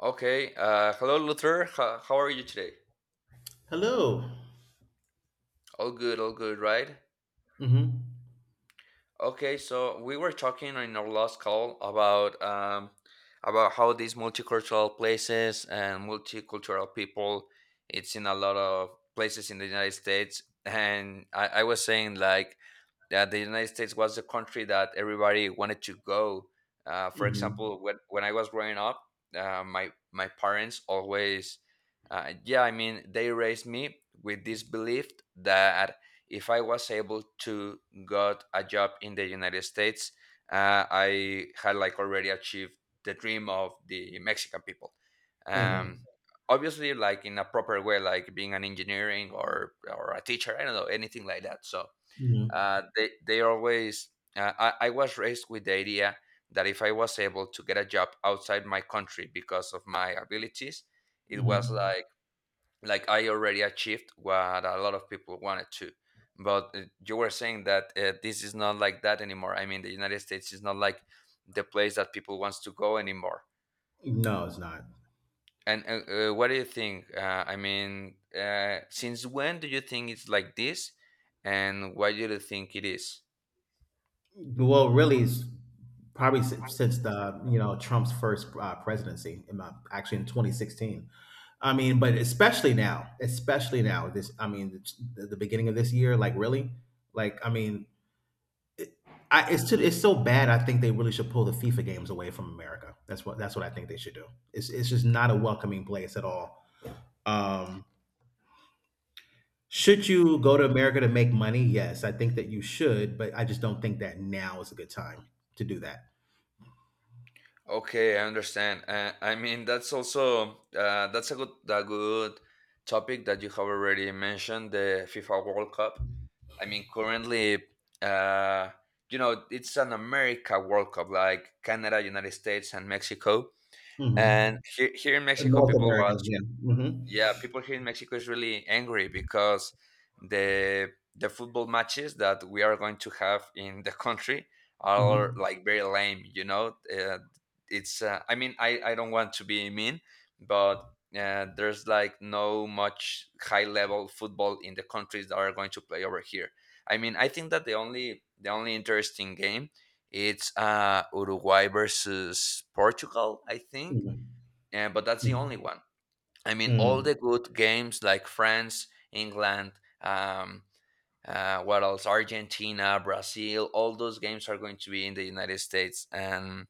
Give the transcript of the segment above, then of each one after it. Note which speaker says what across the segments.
Speaker 1: Okay. Hello, Luther. How are you today?
Speaker 2: Hello.
Speaker 1: All good, right?
Speaker 2: Mm-hmm.
Speaker 1: Okay, so we were talking in our last call about how these multicultural places and multicultural people it's in a lot of places in the United States, and I was saying like that the United States was the country that everybody wanted to go. For
Speaker 2: Mm-hmm.
Speaker 1: example, when I was growing up, my parents always, yeah, I mean, they raised me with this belief that if I was able to got a job in the United States, I had like already achieved the dream of the Mexican people. Um,
Speaker 2: Mm-hmm.
Speaker 1: Obviously, like in a proper way, like being an engineering or a teacher. I don't know anything like that. So
Speaker 2: Mm-hmm.
Speaker 1: they always. I was raised with the idea that if I was able to get a job outside my country because of my abilities, it was
Speaker 2: Mm-hmm.
Speaker 1: like I already achieved what a lot of people wanted to. But you were saying that this is not like that anymore. I mean, the United States is not like the place that people wants to go anymore.
Speaker 2: No, it's not.
Speaker 1: And what do you think? I mean, since when do you think it's like this, and why do you think it is?
Speaker 2: Well, really, it's probably since the you know Trump's first presidency, actually in 2016. I mean, but especially now, especially now. This, I mean, the beginning of this year, like really, like I mean, it, it's so bad. I think they really should pull the FIFA games away from America. That's what I think they should do. It's just not a welcoming place at all. Um, Should you go to America to make money? Yes, I think that you should, but I just don't think that now is a good time to do that.
Speaker 1: Okay, I understand. I mean, that's a good topic that you have already mentioned, the FIFA World Cup. I mean, currently, uh, it's an America World Cup, like Canada, United States, and Mexico.
Speaker 2: Mhm.
Speaker 1: And here in Mexico,
Speaker 2: North
Speaker 1: people watch
Speaker 2: American, yeah.
Speaker 1: yeah,
Speaker 2: Mhm.
Speaker 1: people here in Mexico is really angry because the football matches that we are going to have in the country are
Speaker 2: Mhm.
Speaker 1: like very lame. You know, it's. I mean, I don't want to be mean, but there's like no much high level football in the countries that are going to play over here. I mean, I think that the only interesting game it's Uruguay versus Portugal. I think,
Speaker 2: Mhm.
Speaker 1: but that's the only
Speaker 2: Mhm.
Speaker 1: one. I mean, all
Speaker 2: Mm.
Speaker 1: the good games like France, England, um, what else? Argentina, Brazil. All those games are going to be in the United States, and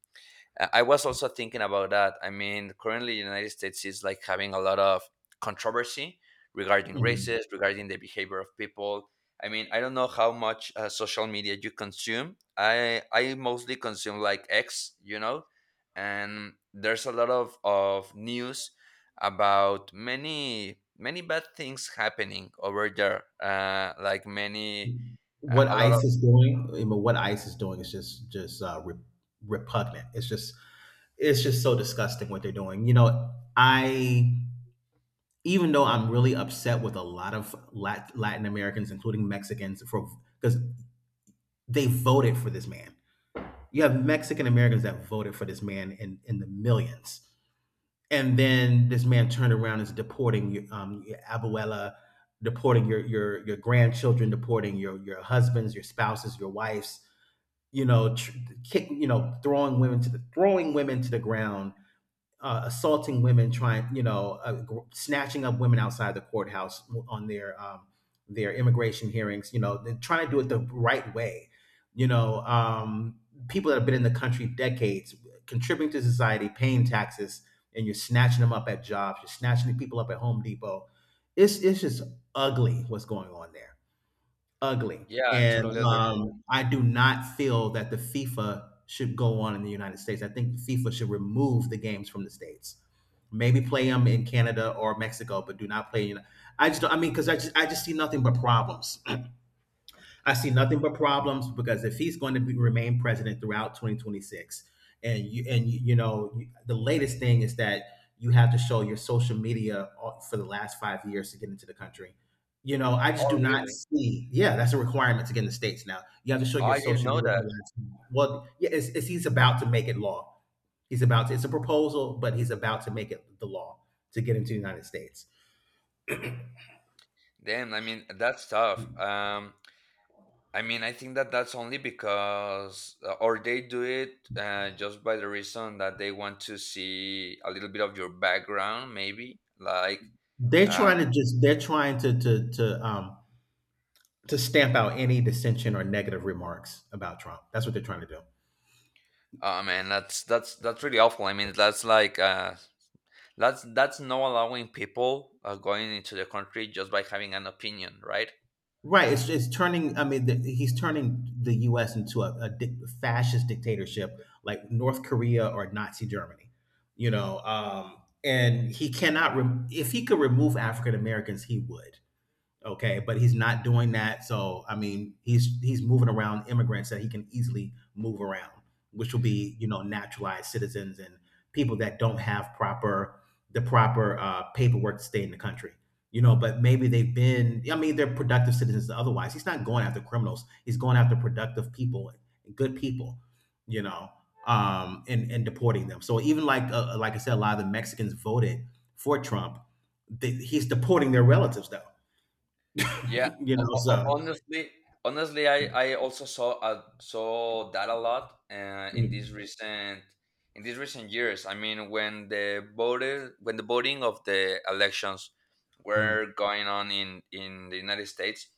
Speaker 1: I was also thinking about that. I mean, currently, the United States is like having a lot of controversy regarding
Speaker 2: Mhm.
Speaker 1: races, regarding the behavior of people. I mean, I don't know how much social media you consume. I mostly consume like X, and there's a lot of news about many many bad things happening over there. Like many
Speaker 2: What
Speaker 1: a lot of
Speaker 2: ICE is doing, I mean, what ICE is doing is just repugnant. It's just so disgusting what they're doing. You know, I even though I'm really upset with a lot of Latin Americans, including Mexicans, for because they voted for this man. You have Mexican Americans that voted for this man in the millions, and then this man turned around and is deporting your abuela, deporting your grandchildren, deporting your husbands, your spouses, your wives. You know, tr- throwing women to the ground, assaulting women, snatching up women outside the courthouse on their immigration hearings. You know, they're trying to do it the right way. You know, people that have been in the country decades, contributing to society, paying taxes, and you're snatching them up at jobs. You're snatching people up at Home Depot. It's just ugly what's going on there. Ugly,
Speaker 1: Yeah,
Speaker 2: and,
Speaker 1: totally under.
Speaker 2: um, I do not feel that the FIFA should go on in the United States. I think FIFA should remove the games from the States. Maybe play them in Canada or Mexico, but do not play. You know, I just don't. I mean, 'cause I just see nothing but problems. I see nothing but problems because if he's going to remain president throughout 2026, and the latest thing is that you have to show your social media for the last 5 years to get into the country. You know, I just do
Speaker 1: Oh,
Speaker 2: not
Speaker 1: really?
Speaker 2: see. Yeah, that's a requirement to get in the states now. You have to show
Speaker 1: Oh,
Speaker 2: your
Speaker 1: I didn't
Speaker 2: social
Speaker 1: know
Speaker 2: media for the
Speaker 1: that.
Speaker 2: last. Well, yeah, it's he's about to make it law. He's about to. It's a proposal, but he's about to make it the law to get into the United States.
Speaker 1: Damn, I mean that's tough. I mean I think that that's only because or they do it just by the reason that they want to see a little bit of your background, maybe. Like,
Speaker 2: They're trying
Speaker 1: um,
Speaker 2: to just. They're trying to stamp out any dissension or negative remarks about Trump. That's what they're trying to do.
Speaker 1: oh man, that's really awful. I mean that's like that's not allowing people going into the country just by having an opinion, right?
Speaker 2: Right. It's turning, I mean, he's turning the U.S. into a fascist dictatorship like North Korea or Nazi Germany, you know. And he cannot, if he could remove African Americans, he would. Okay, but he's not doing that. So I mean, he's moving around immigrants that he can easily move around, which will be naturalized citizens and people that don't have proper the proper paperwork to stay in the country. You know, but maybe they've been I mean, they're productive citizens. Otherwise, he's not going after criminals. He's going after productive people, good people, you know, and deporting them. So even like I said, a lot of the Mexicans voted for Trump. He's deporting their relatives, though.
Speaker 1: Yeah,
Speaker 2: You
Speaker 1: ho-
Speaker 2: know,
Speaker 1: ho- ho-
Speaker 2: so.
Speaker 1: honestly, honestly, I also saw that a lot in these
Speaker 2: Mm,
Speaker 1: recent in these recent years. I mean, when the voting of the elections
Speaker 2: mm.
Speaker 1: were going on in the United States,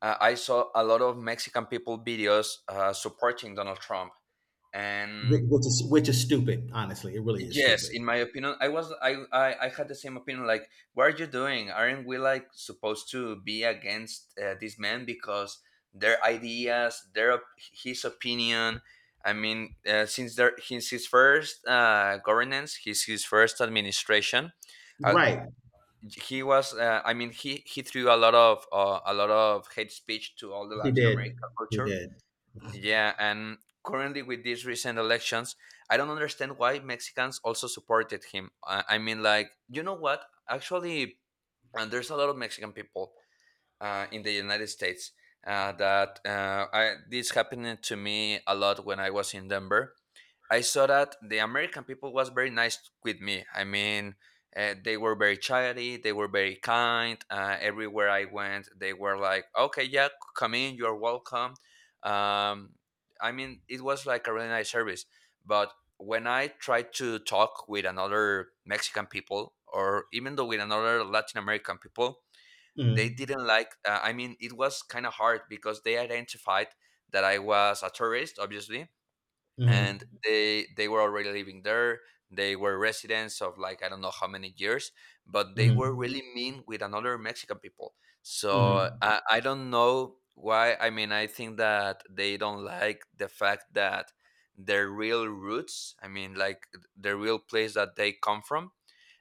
Speaker 1: I saw a lot of Mexican people videos supporting Donald Trump, and
Speaker 2: Which is stupid. Honestly, it really is
Speaker 1: yes,
Speaker 2: stupid.
Speaker 1: in my opinion, I was I had the same opinion. Like, what are you doing? Aren't we like supposed to be against this man because their ideas, his opinion? I mean, since his first governance, his first administration. Uh,
Speaker 2: Right?
Speaker 1: he was I mean he threw a lot of hate speech to all the
Speaker 2: He
Speaker 1: Latin
Speaker 2: did.
Speaker 1: American
Speaker 2: He
Speaker 1: culture.
Speaker 2: did.
Speaker 1: Yeah, and currently with these recent elections, I don't understand why Mexicans also supported him. I mean, like, you know what? Actually, and there's a lot of Mexican people in the United States this happened to me a lot when I was in Denver. I saw that the American people was very nice with me. I mean, they were very chatty, they were very kind. Everywhere I went, they were like, "Okay, yeah, come in, you're welcome." Um, I mean, it was like a really nice service. But when I tried to talk with another Mexican people, or even though with another Latin American people, they
Speaker 2: Mm,
Speaker 1: didn't like. I mean, it was kind of hard because they identified that I was a tourist, obviously, and
Speaker 2: mm-hmm,
Speaker 1: they were already living there. They were residents of like I don't know how many years, but they were
Speaker 2: mm-hmm,
Speaker 1: really mean with another Mexican people. So
Speaker 2: mm-hmm,
Speaker 1: I don't know why. I mean, I think that they don't like the fact that their real roots, I mean, like the real place that they come from,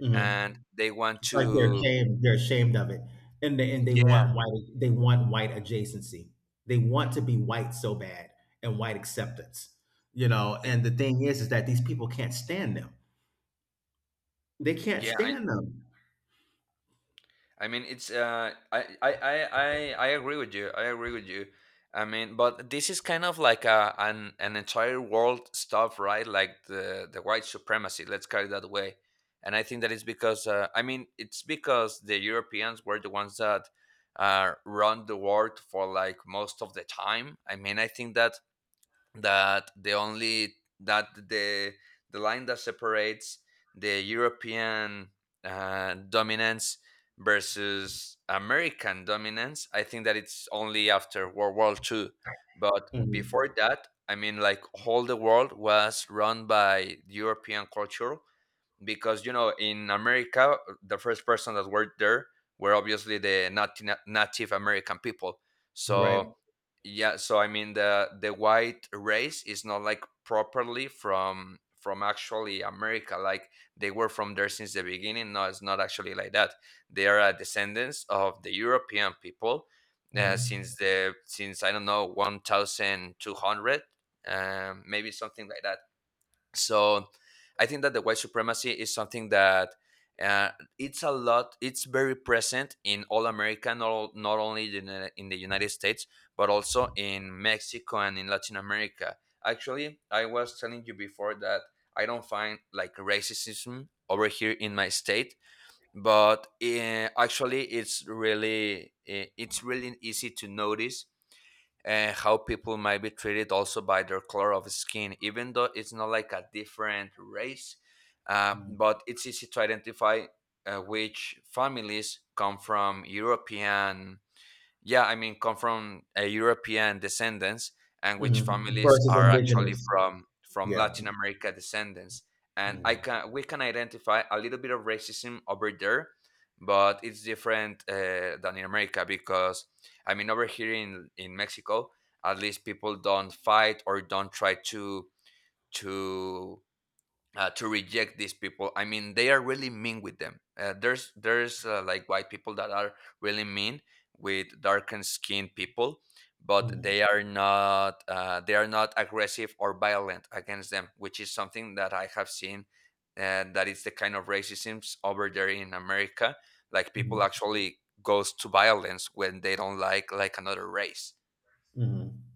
Speaker 2: mm-hmm.
Speaker 1: and they want
Speaker 2: It's like they're
Speaker 1: to.
Speaker 2: ashamed. They're ashamed of it, and they
Speaker 1: Yeah.
Speaker 2: want white. They want white adjacency. They want to be white so bad and white acceptance. You know,
Speaker 1: uh,
Speaker 2: and the thing is that these people can't stand them. They can't
Speaker 1: yeah,
Speaker 2: stand them.
Speaker 1: I mean, it's I agree with you. I agree with you. I mean, but this is kind of like a an entire world stuff, right? Like the white supremacy. Let's call it that way. And I think that is because I mean, it's because the Europeans were the ones that run the world for like most of the time. I mean, I think that that the only that the the line that separates the European dominance versus American dominance, I think that it's only after World War II. But before
Speaker 2: Mhm.
Speaker 1: that, I mean, like all the world was run by European culture, because you know in America the first person that worked there were obviously the Native American people.
Speaker 2: Right.
Speaker 1: So yeah, I mean the white race is not like properly from actually America. Like they were from there since the beginning. No, it's not actually like that. They are descendants of the European people since
Speaker 2: Mm-hmm.
Speaker 1: the since I don't know 1200, maybe something like that. So I think that the white supremacy is something that uh, it's a lot. It's very present in all America, not only in the United States, but also in Mexico and in Latin America. Actually, I was telling you before that I don't find like racism over here in my state, but actually, it's really easy to notice and how people might be treated also by their color of skin, even though it's not like a different race.
Speaker 2: Mm-hmm.
Speaker 1: But it's easy to identify which families come from European, yeah, I mean, come from a European descendants, and which
Speaker 2: Mm-hmm.
Speaker 1: families
Speaker 2: Versus
Speaker 1: are actually
Speaker 2: indigenous.
Speaker 1: from
Speaker 2: Yeah.
Speaker 1: Latin America descendants, and I
Speaker 2: Mm,
Speaker 1: can we can identify a little bit of racism over there, but it's different than in America because I mean, over here in Mexico, at least people don't fight or don't try to to reject these people. I mean, they are really mean with them. There's like white people that are really mean with darkened skinned people, but
Speaker 2: mm,
Speaker 1: they are not aggressive or violent against them, which is something that I have seen. That it's the kind of racism over there in America. Like people
Speaker 2: mm,
Speaker 1: actually goes to violence when they don't like another race.
Speaker 2: mhm.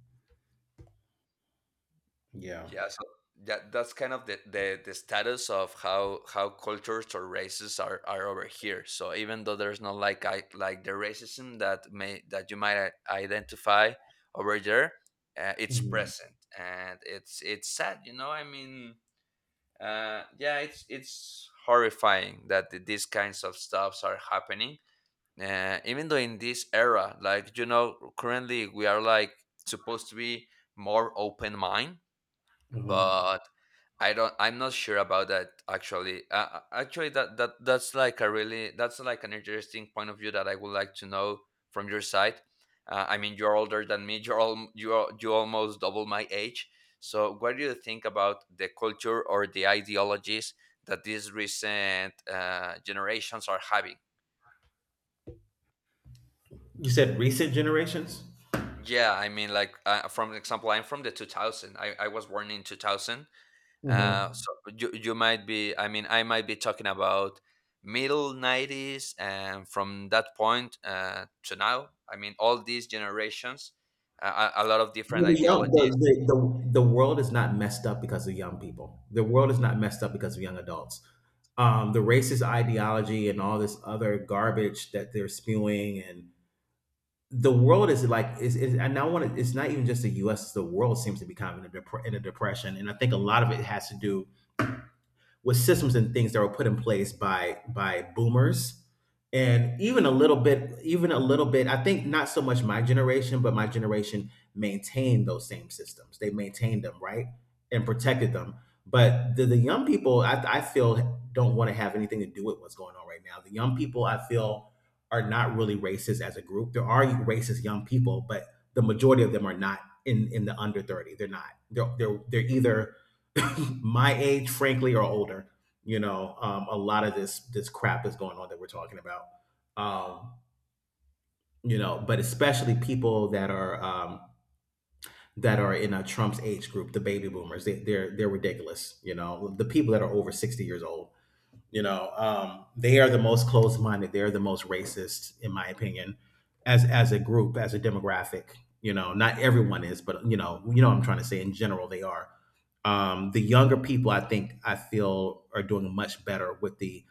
Speaker 2: Yeah.
Speaker 1: Yeah, so that's kind of the status of how cultures or races are over here. So even though there's not like I like the racism that you might identify over there, it's
Speaker 2: Mhm,
Speaker 1: present and it's sad. You know, I mean, yeah, it's horrifying that these kinds of stuffs are happening. Even though in this era, currently we are like supposed to be more open mind,
Speaker 2: mhm.
Speaker 1: but I don't. I'm not sure about that. Actually, that's like a really that's like an interesting point of view that I would like to know from your side. I mean, you're older than me. You're all you're you almost double my age. So what do you think about the culture or the ideologies that these recent generations are having?
Speaker 2: You said recent generations?
Speaker 1: Yeah, I mean, like from example, I'm from the 2000. I was born in 2000.
Speaker 2: Mhm.
Speaker 1: So you might be I mean, I might be talking about middle 90s and from that point to now. I mean all these generations a lot of
Speaker 2: Well,
Speaker 1: different
Speaker 2: the young,
Speaker 1: ideologies.
Speaker 2: the world is not messed up because of young people. The world is not messed up because of young adults. The racist ideology and all this other garbage that they're spewing, and the world is, and I want to, it's not even just the US. The world seems to be kind of in a, dep- in a depression, and I think a lot of it has to do with systems and things that were put in place by boomers, and even a little bit I think, not so much my generation, but my generation maintained those same systems. They maintained them, right, and protected them. But the young people, I feel don't want to have anything to do with what's going on right now. The young people, I feel, are not really racist as a group. There are racist young people, but the majority of them are not. In the under 30 they're not. They're either my age, frankly, or older. You know, a lot of this crap is going on that we're talking about. Um, you know, but especially people that are in Trump's age group, the baby boomers. They're ridiculous. You know, the people that are over 60 years old, you know, they are the most closed minded. They're the most racist, in my opinion, as a group, as a demographic. You know, not everyone is, but you know, what I'm trying to say in general, they are. The younger people, I feel are doing much better with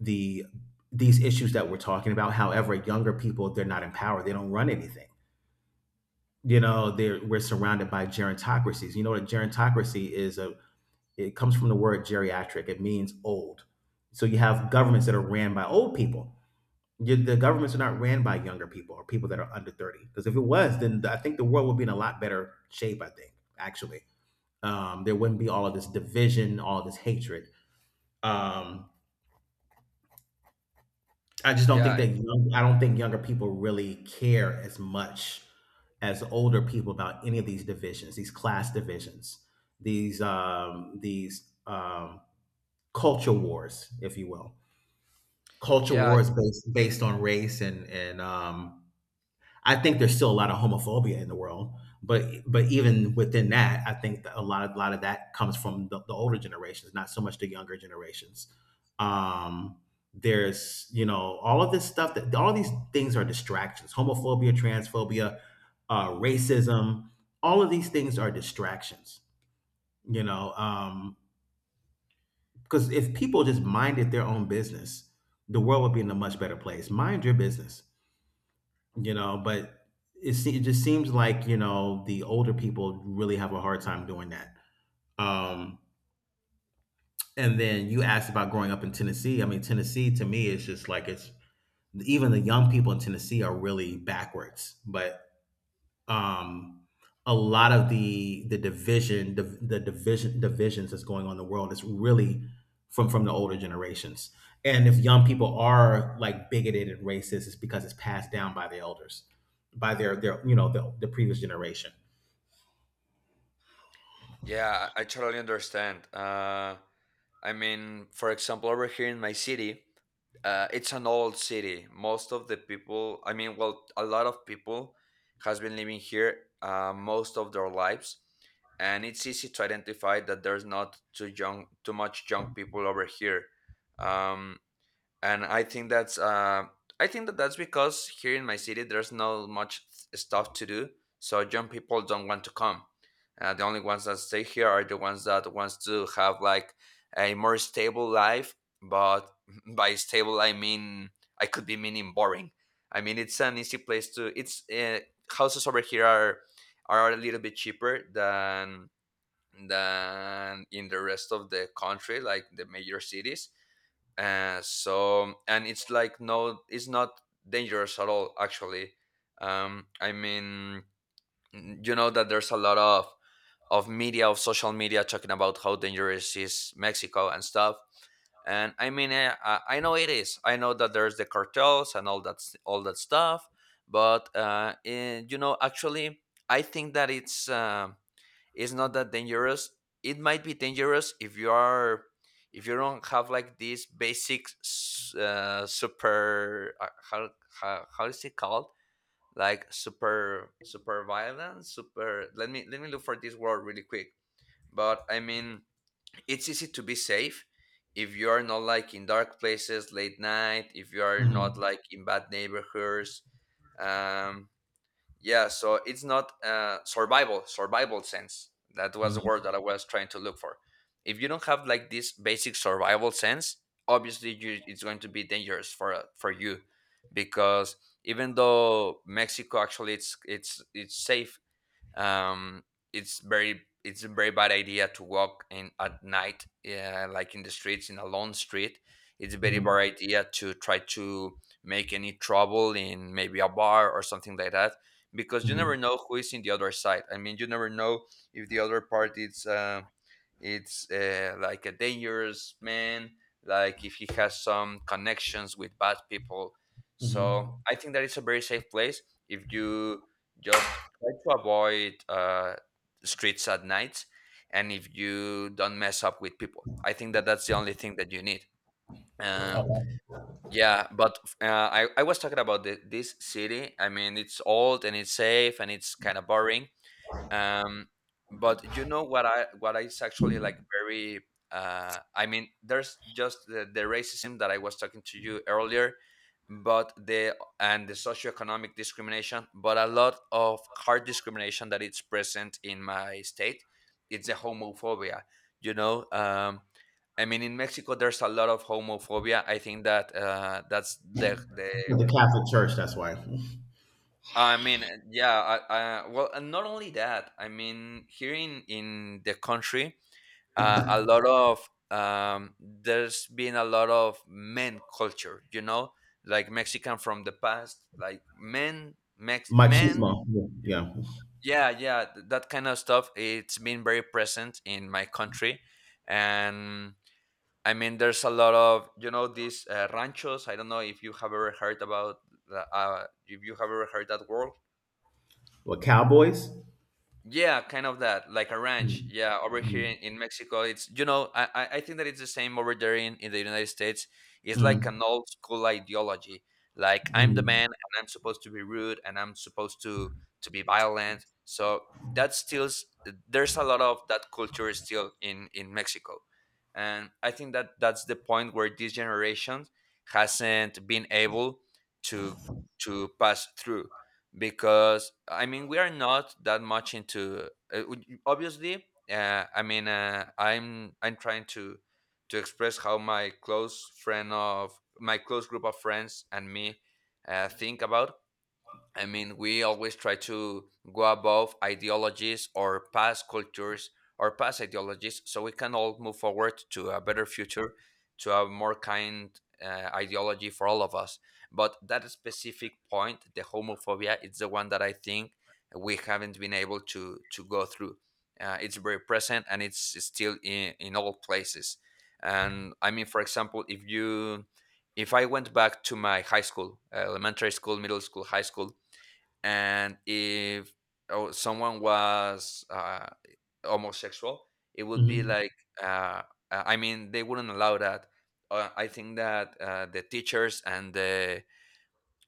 Speaker 2: the these issues that we're talking about. However, younger people, they're not in power. They don't run anything. You know, we're surrounded by gerontocracies. You know what a gerontocracy is? It comes from the word geriatric. It means old. So you have governments that are ran by old people. The governments are not ran by younger people or people that are under 30. Because if it was, then I think the world would be in a lot better shape, I think, actually. There wouldn't be all of this division, all of this hatred. Um, I just don't think
Speaker 1: Yeah,
Speaker 2: that I don't think younger people really care as much as older people about any of these divisions, these class divisions, these culture wars, if you will. Culture
Speaker 1: yeah,
Speaker 2: wars based on race and I think there's still a lot of homophobia in the world, but even within that, I think that a lot of that comes from the older generations, not so much the younger generations. Um, there's all of this stuff, that all these things are distractions. Homophobia, transphobia, racism, all of these things are distractions. You know, because if people just minded their own business, the world would be in a much better place. Mind your business. You know, but it just seems like, you know, the older people really have a hard time doing that. Um and then you asked about growing up in Tennessee. I mean, Tennessee to me is just like it's. Even the young people in Tennessee are really backwards, but um, a lot of the divisions that's going on in the world is really from the older generations. And if young people are like bigoted and racist, it's because it's passed down by the elders, by their the previous generation.
Speaker 1: yeah, I totally understand I mean, for example, over here in my city, it's an old city. Most of the people, I mean, well, a lot of people has been living here most of their lives, and it's easy to identify that there's not too young, too much young people over here. Um, and I think that's I think that that's because here in my city there's not much stuff to do, so young people don't want to come. The only ones that stay here are the ones that wants to have like a more stable life. But by stable, I mean I could be meaning boring. I mean it's an easy place to. It's Houses over here are a little bit cheaper than in the rest of the country, like the major cities so, and it's like no, it's not dangerous at all. Actually, I mean, you know that there's a lot of media of social media talking about how dangerous is Mexico and stuff. And I mean, I know it is. I know that there's the cartels and all all that stuff. But you know, actually, I think that it's. It's not that dangerous. It might be dangerous if you are, if you don't have like this super how, how is it called, like super violence super. Let me look for this word really quick. But I mean it's easy to be safe if you are not like in dark places late night, if you are not
Speaker 2: Mhm,
Speaker 1: like in bad neighborhoods. um yeah, so it's not survival. Survival sense, that was the word
Speaker 2: mhm,
Speaker 1: that I was trying to look for. If you don't have like this basic survival sense, obviously it's going to be dangerous for you, because even though Mexico actually it's it's safe. um, it's very it's a very bad idea to walk in at night, yeah, like in the streets in a lone street. It's a very
Speaker 2: mhm,
Speaker 1: bad idea to try to make any trouble in maybe a bar or something like that, because you
Speaker 2: mhm,
Speaker 1: never know who is in the other side. I mean, you never know if the other part is it's like a dangerous man, like if he has some connections with bad people. So
Speaker 2: mhm.
Speaker 1: I think that it's a very safe place, if you just try to avoid streets at night, and if you don't mess up with people. I think that that's the only thing that you need. uh,
Speaker 2: Okay.
Speaker 1: yeah, but I was talking about this city. I mean it's old and it's safe and it's kind of boring. um but you know what I, what is actually like very I mean, there's just the racism that I was talking to you earlier, but the socioeconomic discrimination, but a lot of hard discrimination that it's present in my state, it's the homophobia, you know. I mean, in Mexico there's a lot of homophobia. I think that that's the
Speaker 2: The Catholic Church, that's why.
Speaker 1: I mean, yeah, well, and not only that, I mean, here in the country, a lot of, there's been a lot of men culture, you know, like Mexican from the past, like men, Mex, men,
Speaker 2: Machismo, yeah.
Speaker 1: yeah, that kind of stuff. It's been very present in my country. And I mean, there's a lot of, you know, these ranchos. I don't know if you have ever heard about, if you have ever heard that word.
Speaker 2: Well, cowboys.
Speaker 1: Yeah, kind of that, like a ranch.
Speaker 2: Mm,
Speaker 1: Yeah, over here
Speaker 2: mm,
Speaker 1: in Mexico, it's you know, I think that it's the same over there in the United States. It's like
Speaker 2: mm,
Speaker 1: an old school ideology. Like I'm the
Speaker 2: mm,
Speaker 1: man, and I'm supposed to be rude, and I'm supposed to be violent. So there's a lot of that culture still in Mexico, and I think that that's the point where this generation hasn't been able to pass through, because I mean we are not that much into obviously I mean I'm trying to express how my close friend of my close group of friends and me think about. I mean, we always try to go above ideologies or past cultures or past ideologies, so we can all move forward to a better future, to a more kind ideology for all of us. But that specific point, the homophobia, it's the one that I think we haven't been able to go through. It's very present and it's still in all places. And I mean, for example, if you, if I went back to my high school, elementary school, middle school, high school, and if, oh, someone was homosexual, it would be
Speaker 2: mhm,
Speaker 1: like uh, I mean they wouldn't allow that. I think that the teachers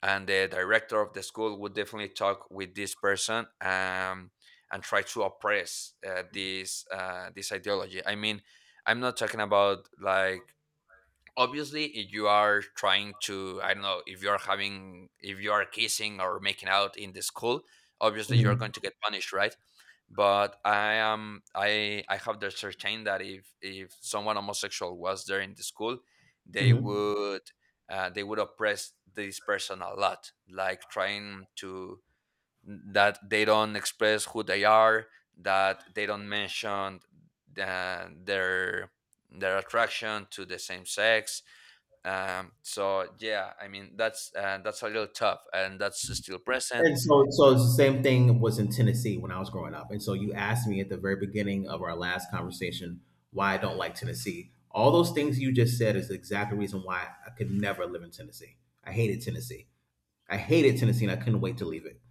Speaker 1: and the director of the school would definitely talk with this person, and try to oppress this ideology. I mean, I'm not talking about like, obviously if you are trying to, I don't know, if you're having if you are kissing or making out in the school, obviously you're
Speaker 2: mhm,
Speaker 1: going to get punished, right? But I am, I have the certain that if someone homosexual was there in the school, they
Speaker 2: mhm.
Speaker 1: would they would oppress this person a lot, like trying to, that they don't express who they are, that they don't mention their attraction to the same sex. So yeah, I mean that's a little tough, and that's still present.
Speaker 2: And so it's the same thing was in Tennessee when I was growing up. And so you asked me at the very beginning of our last conversation why I don't like Tennessee. All those things you just said is the exact reason why I could never live in Tennessee. I hated Tennessee. I hated Tennessee, and I couldn't wait to leave it.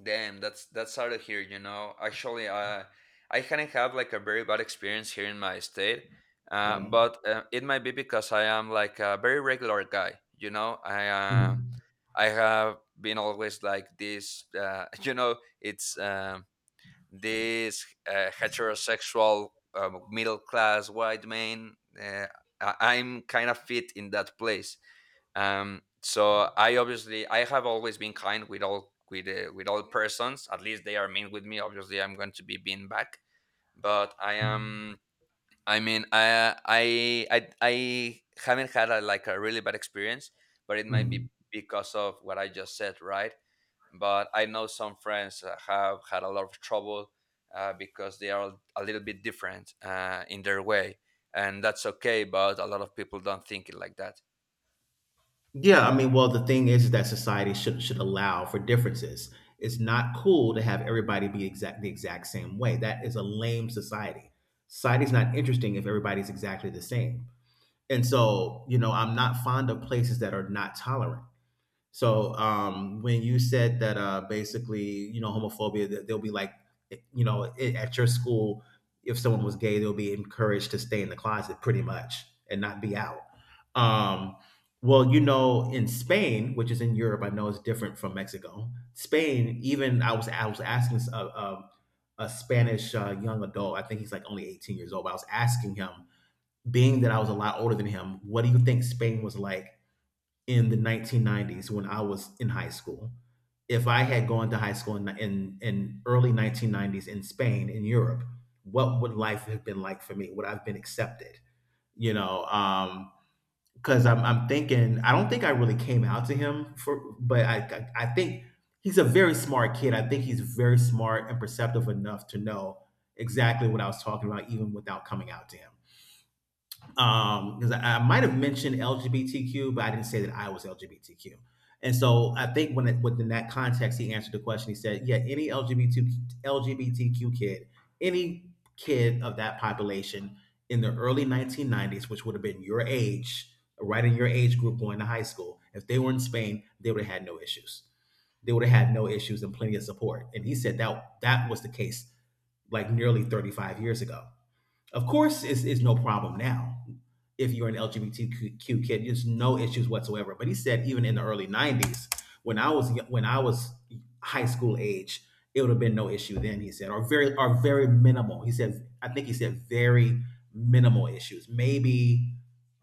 Speaker 1: Damn, that's out of here, you know. Actually, I hadn't had like a very bad experience here in my state, uh,
Speaker 2: Mm.
Speaker 1: but uh, it might be because I am like a very regular guy, you know.
Speaker 2: Mm.
Speaker 1: I have been always like this, you know, it's this heterosexual, middle class white man. I'm kind of fit in that place. Um so i obviously I have always been kind with all with all persons, at least they are mean with me, obviously I'm going to be mean back. But I am, I mean, I haven't had a, like a really bad experience, but it might
Speaker 2: Mm.
Speaker 1: be because of what I just said, right? But I know some friends have had a lot of trouble, because they are a little bit different in their way, and that's okay. But a lot of people don't think it like that.
Speaker 2: Yeah, I mean, well, the thing is that society should allow for differences. It's not cool to have everybody be exact the exact same way. That is a lame society. Society's not interesting if everybody's exactly the same. And so, you know, I'm not fond of places that are not tolerant. So, when you said that basically, you know, homophobia, that they'll be like, eh, you know, I at your school, if someone was gay, they'll be encouraged to stay in the closet pretty much and not be out. Um, well, you know, in Spain, which is in Europe, I know it's different from Mexico. Spain, even I was asking a Spanish young adult. I think he's like only 18 years old. But I was asking him, being that I was a lot older than him, what do you think Spain was like in the 1990s when I was in high school? If I had gone to high school in early 1990s in Spain in Europe, what would life have been like for me? Would I've been accepted? You know, because I'm thinking I don't think I really came out to him for, but I think he's a very smart kid. I think he's very smart and perceptive enough to know exactly what I was talking about, even without coming out to him because I might have mentioned LGBTQ, but I didn't say that I was LGBTQ. And so I think within that context, he answered the question. He said, "Yeah, any LGBTQ kid, any kid of that population in the early 1990s, which would have been your age, right in your age group going to high school, if they were in Spain, they would have had no issues. They would have had no issues and plenty of support." And he said that that was the case like nearly 35 years ago. Of course, it's no problem now if you're an LGBTQ kid. There's no issues whatsoever. But he said even in the early '90s, when I was high school age, it would have been no issue then. He said, or very minimal. He said, I think he said very minimal issues. Maybe,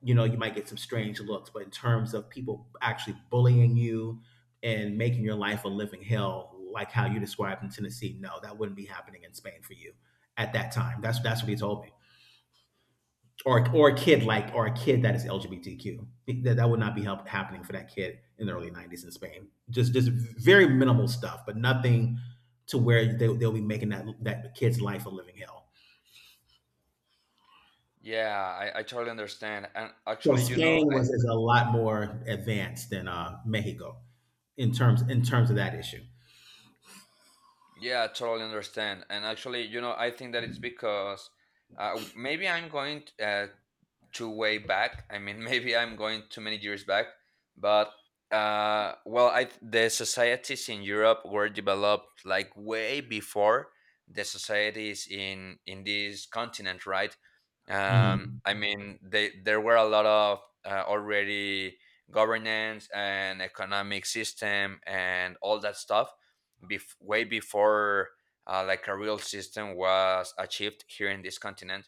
Speaker 2: you know, you might get some strange looks, but in terms of people actually bullying you and making your life a living hell, like how you described in Tennessee, no, that wouldn't be happening in Spain for you at that time. That's what he told me, or a kid like, or a kid that is LGBTQ. That would not be happening for that kid in the early '90s in Spain. Just very minimal stuff, but nothing to where they'll be making that kid's life a living hell.
Speaker 1: Yeah, I totally understand. And
Speaker 2: So
Speaker 1: actually, you know,
Speaker 2: Spain was, is a lot more advanced than Mexico in terms of that issue.
Speaker 1: yeah, I totally understand. And actually, you know, I think that it's because maybe I'm too way back. I mean, maybe I'm going too many years back, but well, the societies in Europe were developed like way before the societies in this continent, right?
Speaker 2: Mhm.
Speaker 1: I mean, they there were a lot of already governance and economic system and all that stuff, way before like a real system was achieved here in this continent.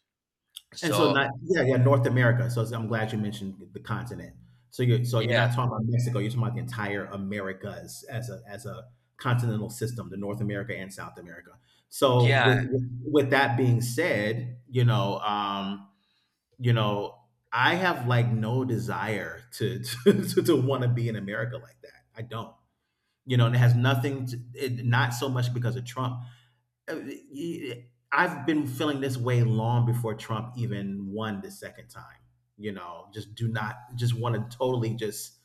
Speaker 2: And so
Speaker 1: So
Speaker 2: not, yeah, yeah, North America. So I'm glad you mentioned the continent. So you're not
Speaker 1: yeah,
Speaker 2: talking about Mexico, you're talking about the entire Americas as a continental system, the North America and South America. So
Speaker 1: yeah,
Speaker 2: with that being said, you know, I have like no desire to to want to be in America like that. I don't. You know, and it has nothing to it, not so much because of Trump, i I've been feeling this way long before Trump even won the second time. You know, just do not just want to totally just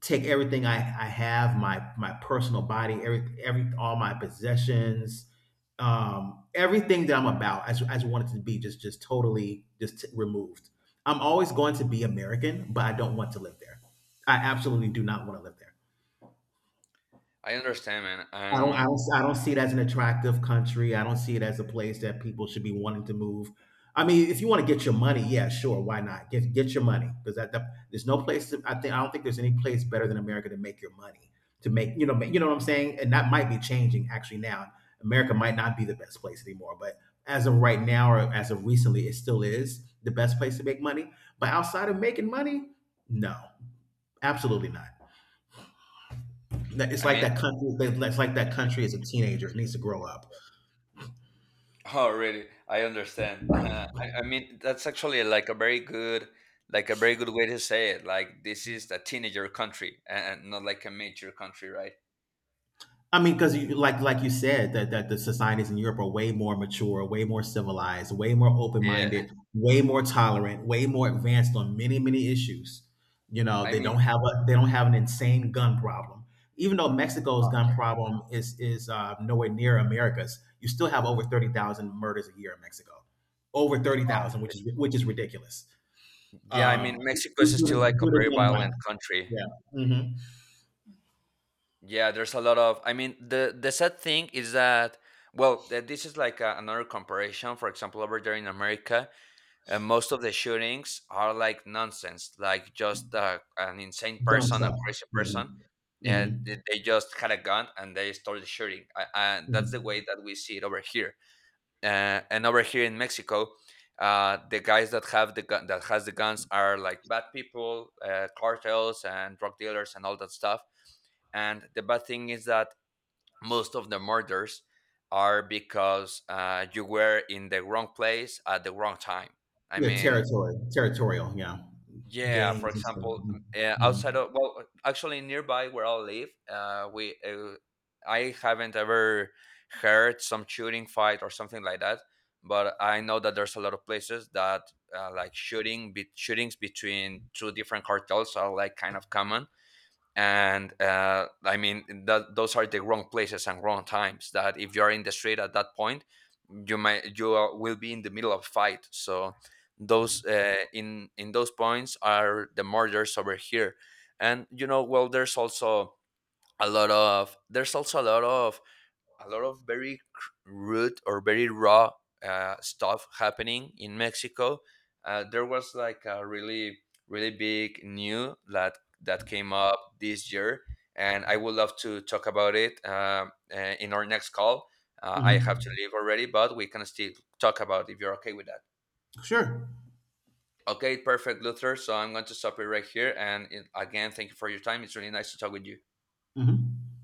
Speaker 2: take everything I have, my personal body, every all my possessions, everything that I'm about. I just want it to be just totally just removed. I'm always going to be American, but I don't want to live there. I absolutely do not want to live there.
Speaker 1: I understand, man.
Speaker 2: I don't see it as an attractive country. I don't see it as a place that people should be wanting to move. I mean, if you want to get your money, yeah, sure, why not? Get your money because there's no place. I think I don't think there's any place better than America to make your money to make, you know, you know what I'm saying. And that might be changing actually now. America might not be the best place anymore, but as of right now or as of recently, it still is the best place to make money. But outside of making money, no, absolutely not. That it's
Speaker 1: I
Speaker 2: like
Speaker 1: mean,
Speaker 2: that country. It's like that country as a teenager. It needs to grow up.
Speaker 1: oh, really? I understand. I mean, that's actually like a very good, like a very good way to say it. Like this is a teenager country and not like a mature country, right?
Speaker 2: I mean, because you, like you said, that that the societies in Europe are way more mature, way more civilized, way more open
Speaker 1: Yeah.
Speaker 2: minded, way more tolerant, way more advanced on many many issues. You know,
Speaker 1: I mean,
Speaker 2: they don't have an insane gun problem. Even though Mexico's
Speaker 1: oh,
Speaker 2: gun
Speaker 1: yeah.
Speaker 2: problem is nowhere near America's, you still have over 30,000 murders a year in Mexico, over thirty
Speaker 1: Oh,
Speaker 2: thousand, which is ridiculous.
Speaker 1: yeah. I mean, Mexico is still like a
Speaker 2: Due to
Speaker 1: very
Speaker 2: gun
Speaker 1: violent
Speaker 2: violence.
Speaker 1: country.
Speaker 2: Yeah. Mm. Mhm.
Speaker 1: Yeah, there's a lot of. I mean, the sad thing is that, well, this is like a, another comparison. For example, over there in America, and most of the shootings are like nonsense, like just an insane
Speaker 2: Dumb
Speaker 1: person, a
Speaker 2: stuff.
Speaker 1: crazy
Speaker 2: Mm. Mhm.
Speaker 1: person, yeah,
Speaker 2: Mhm.
Speaker 1: they just had a gun and they started shooting. That's the
Speaker 2: Mhm.
Speaker 1: way that we see it over here. And over here in Mexico, the guys that have the gun that has the guns are like bad people, cartels and drug dealers and all that stuff. And the bad thing is that most of the murders are because you were in the wrong place at the wrong time, I
Speaker 2: Yeah,
Speaker 1: mean.
Speaker 2: territory territorial, yeah.
Speaker 1: Yeah, for
Speaker 2: Gangs and stuff.
Speaker 1: example,
Speaker 2: Mm. Mhm.
Speaker 1: actually nearby where I live, we I haven't ever heard some shooting fight or something like that, but I know that there's a lot of places that shootings between two different cartels are like kind of common. And I mean that those are the wrong places and wrong times. That if you are in the street at that point, you might you are- will be in the middle of fight. So those in those points are the murders over here. And you know, well, there's also a lot of, there's also a lot of, a lot of very rude or very raw stuff happening in Mexico. There was like a really big new that came up this year, and I would love to talk about it, in our next call.
Speaker 2: Mm.
Speaker 1: I have to
Speaker 2: Mhm.
Speaker 1: leave already, but we can still talk about if you're okay with that.
Speaker 2: Sure.
Speaker 1: Okay, perfect, Luther. So I'm going to stop it right here. And it, again, thank you for your time. It's really nice to talk with you.
Speaker 2: Mm. Mhm.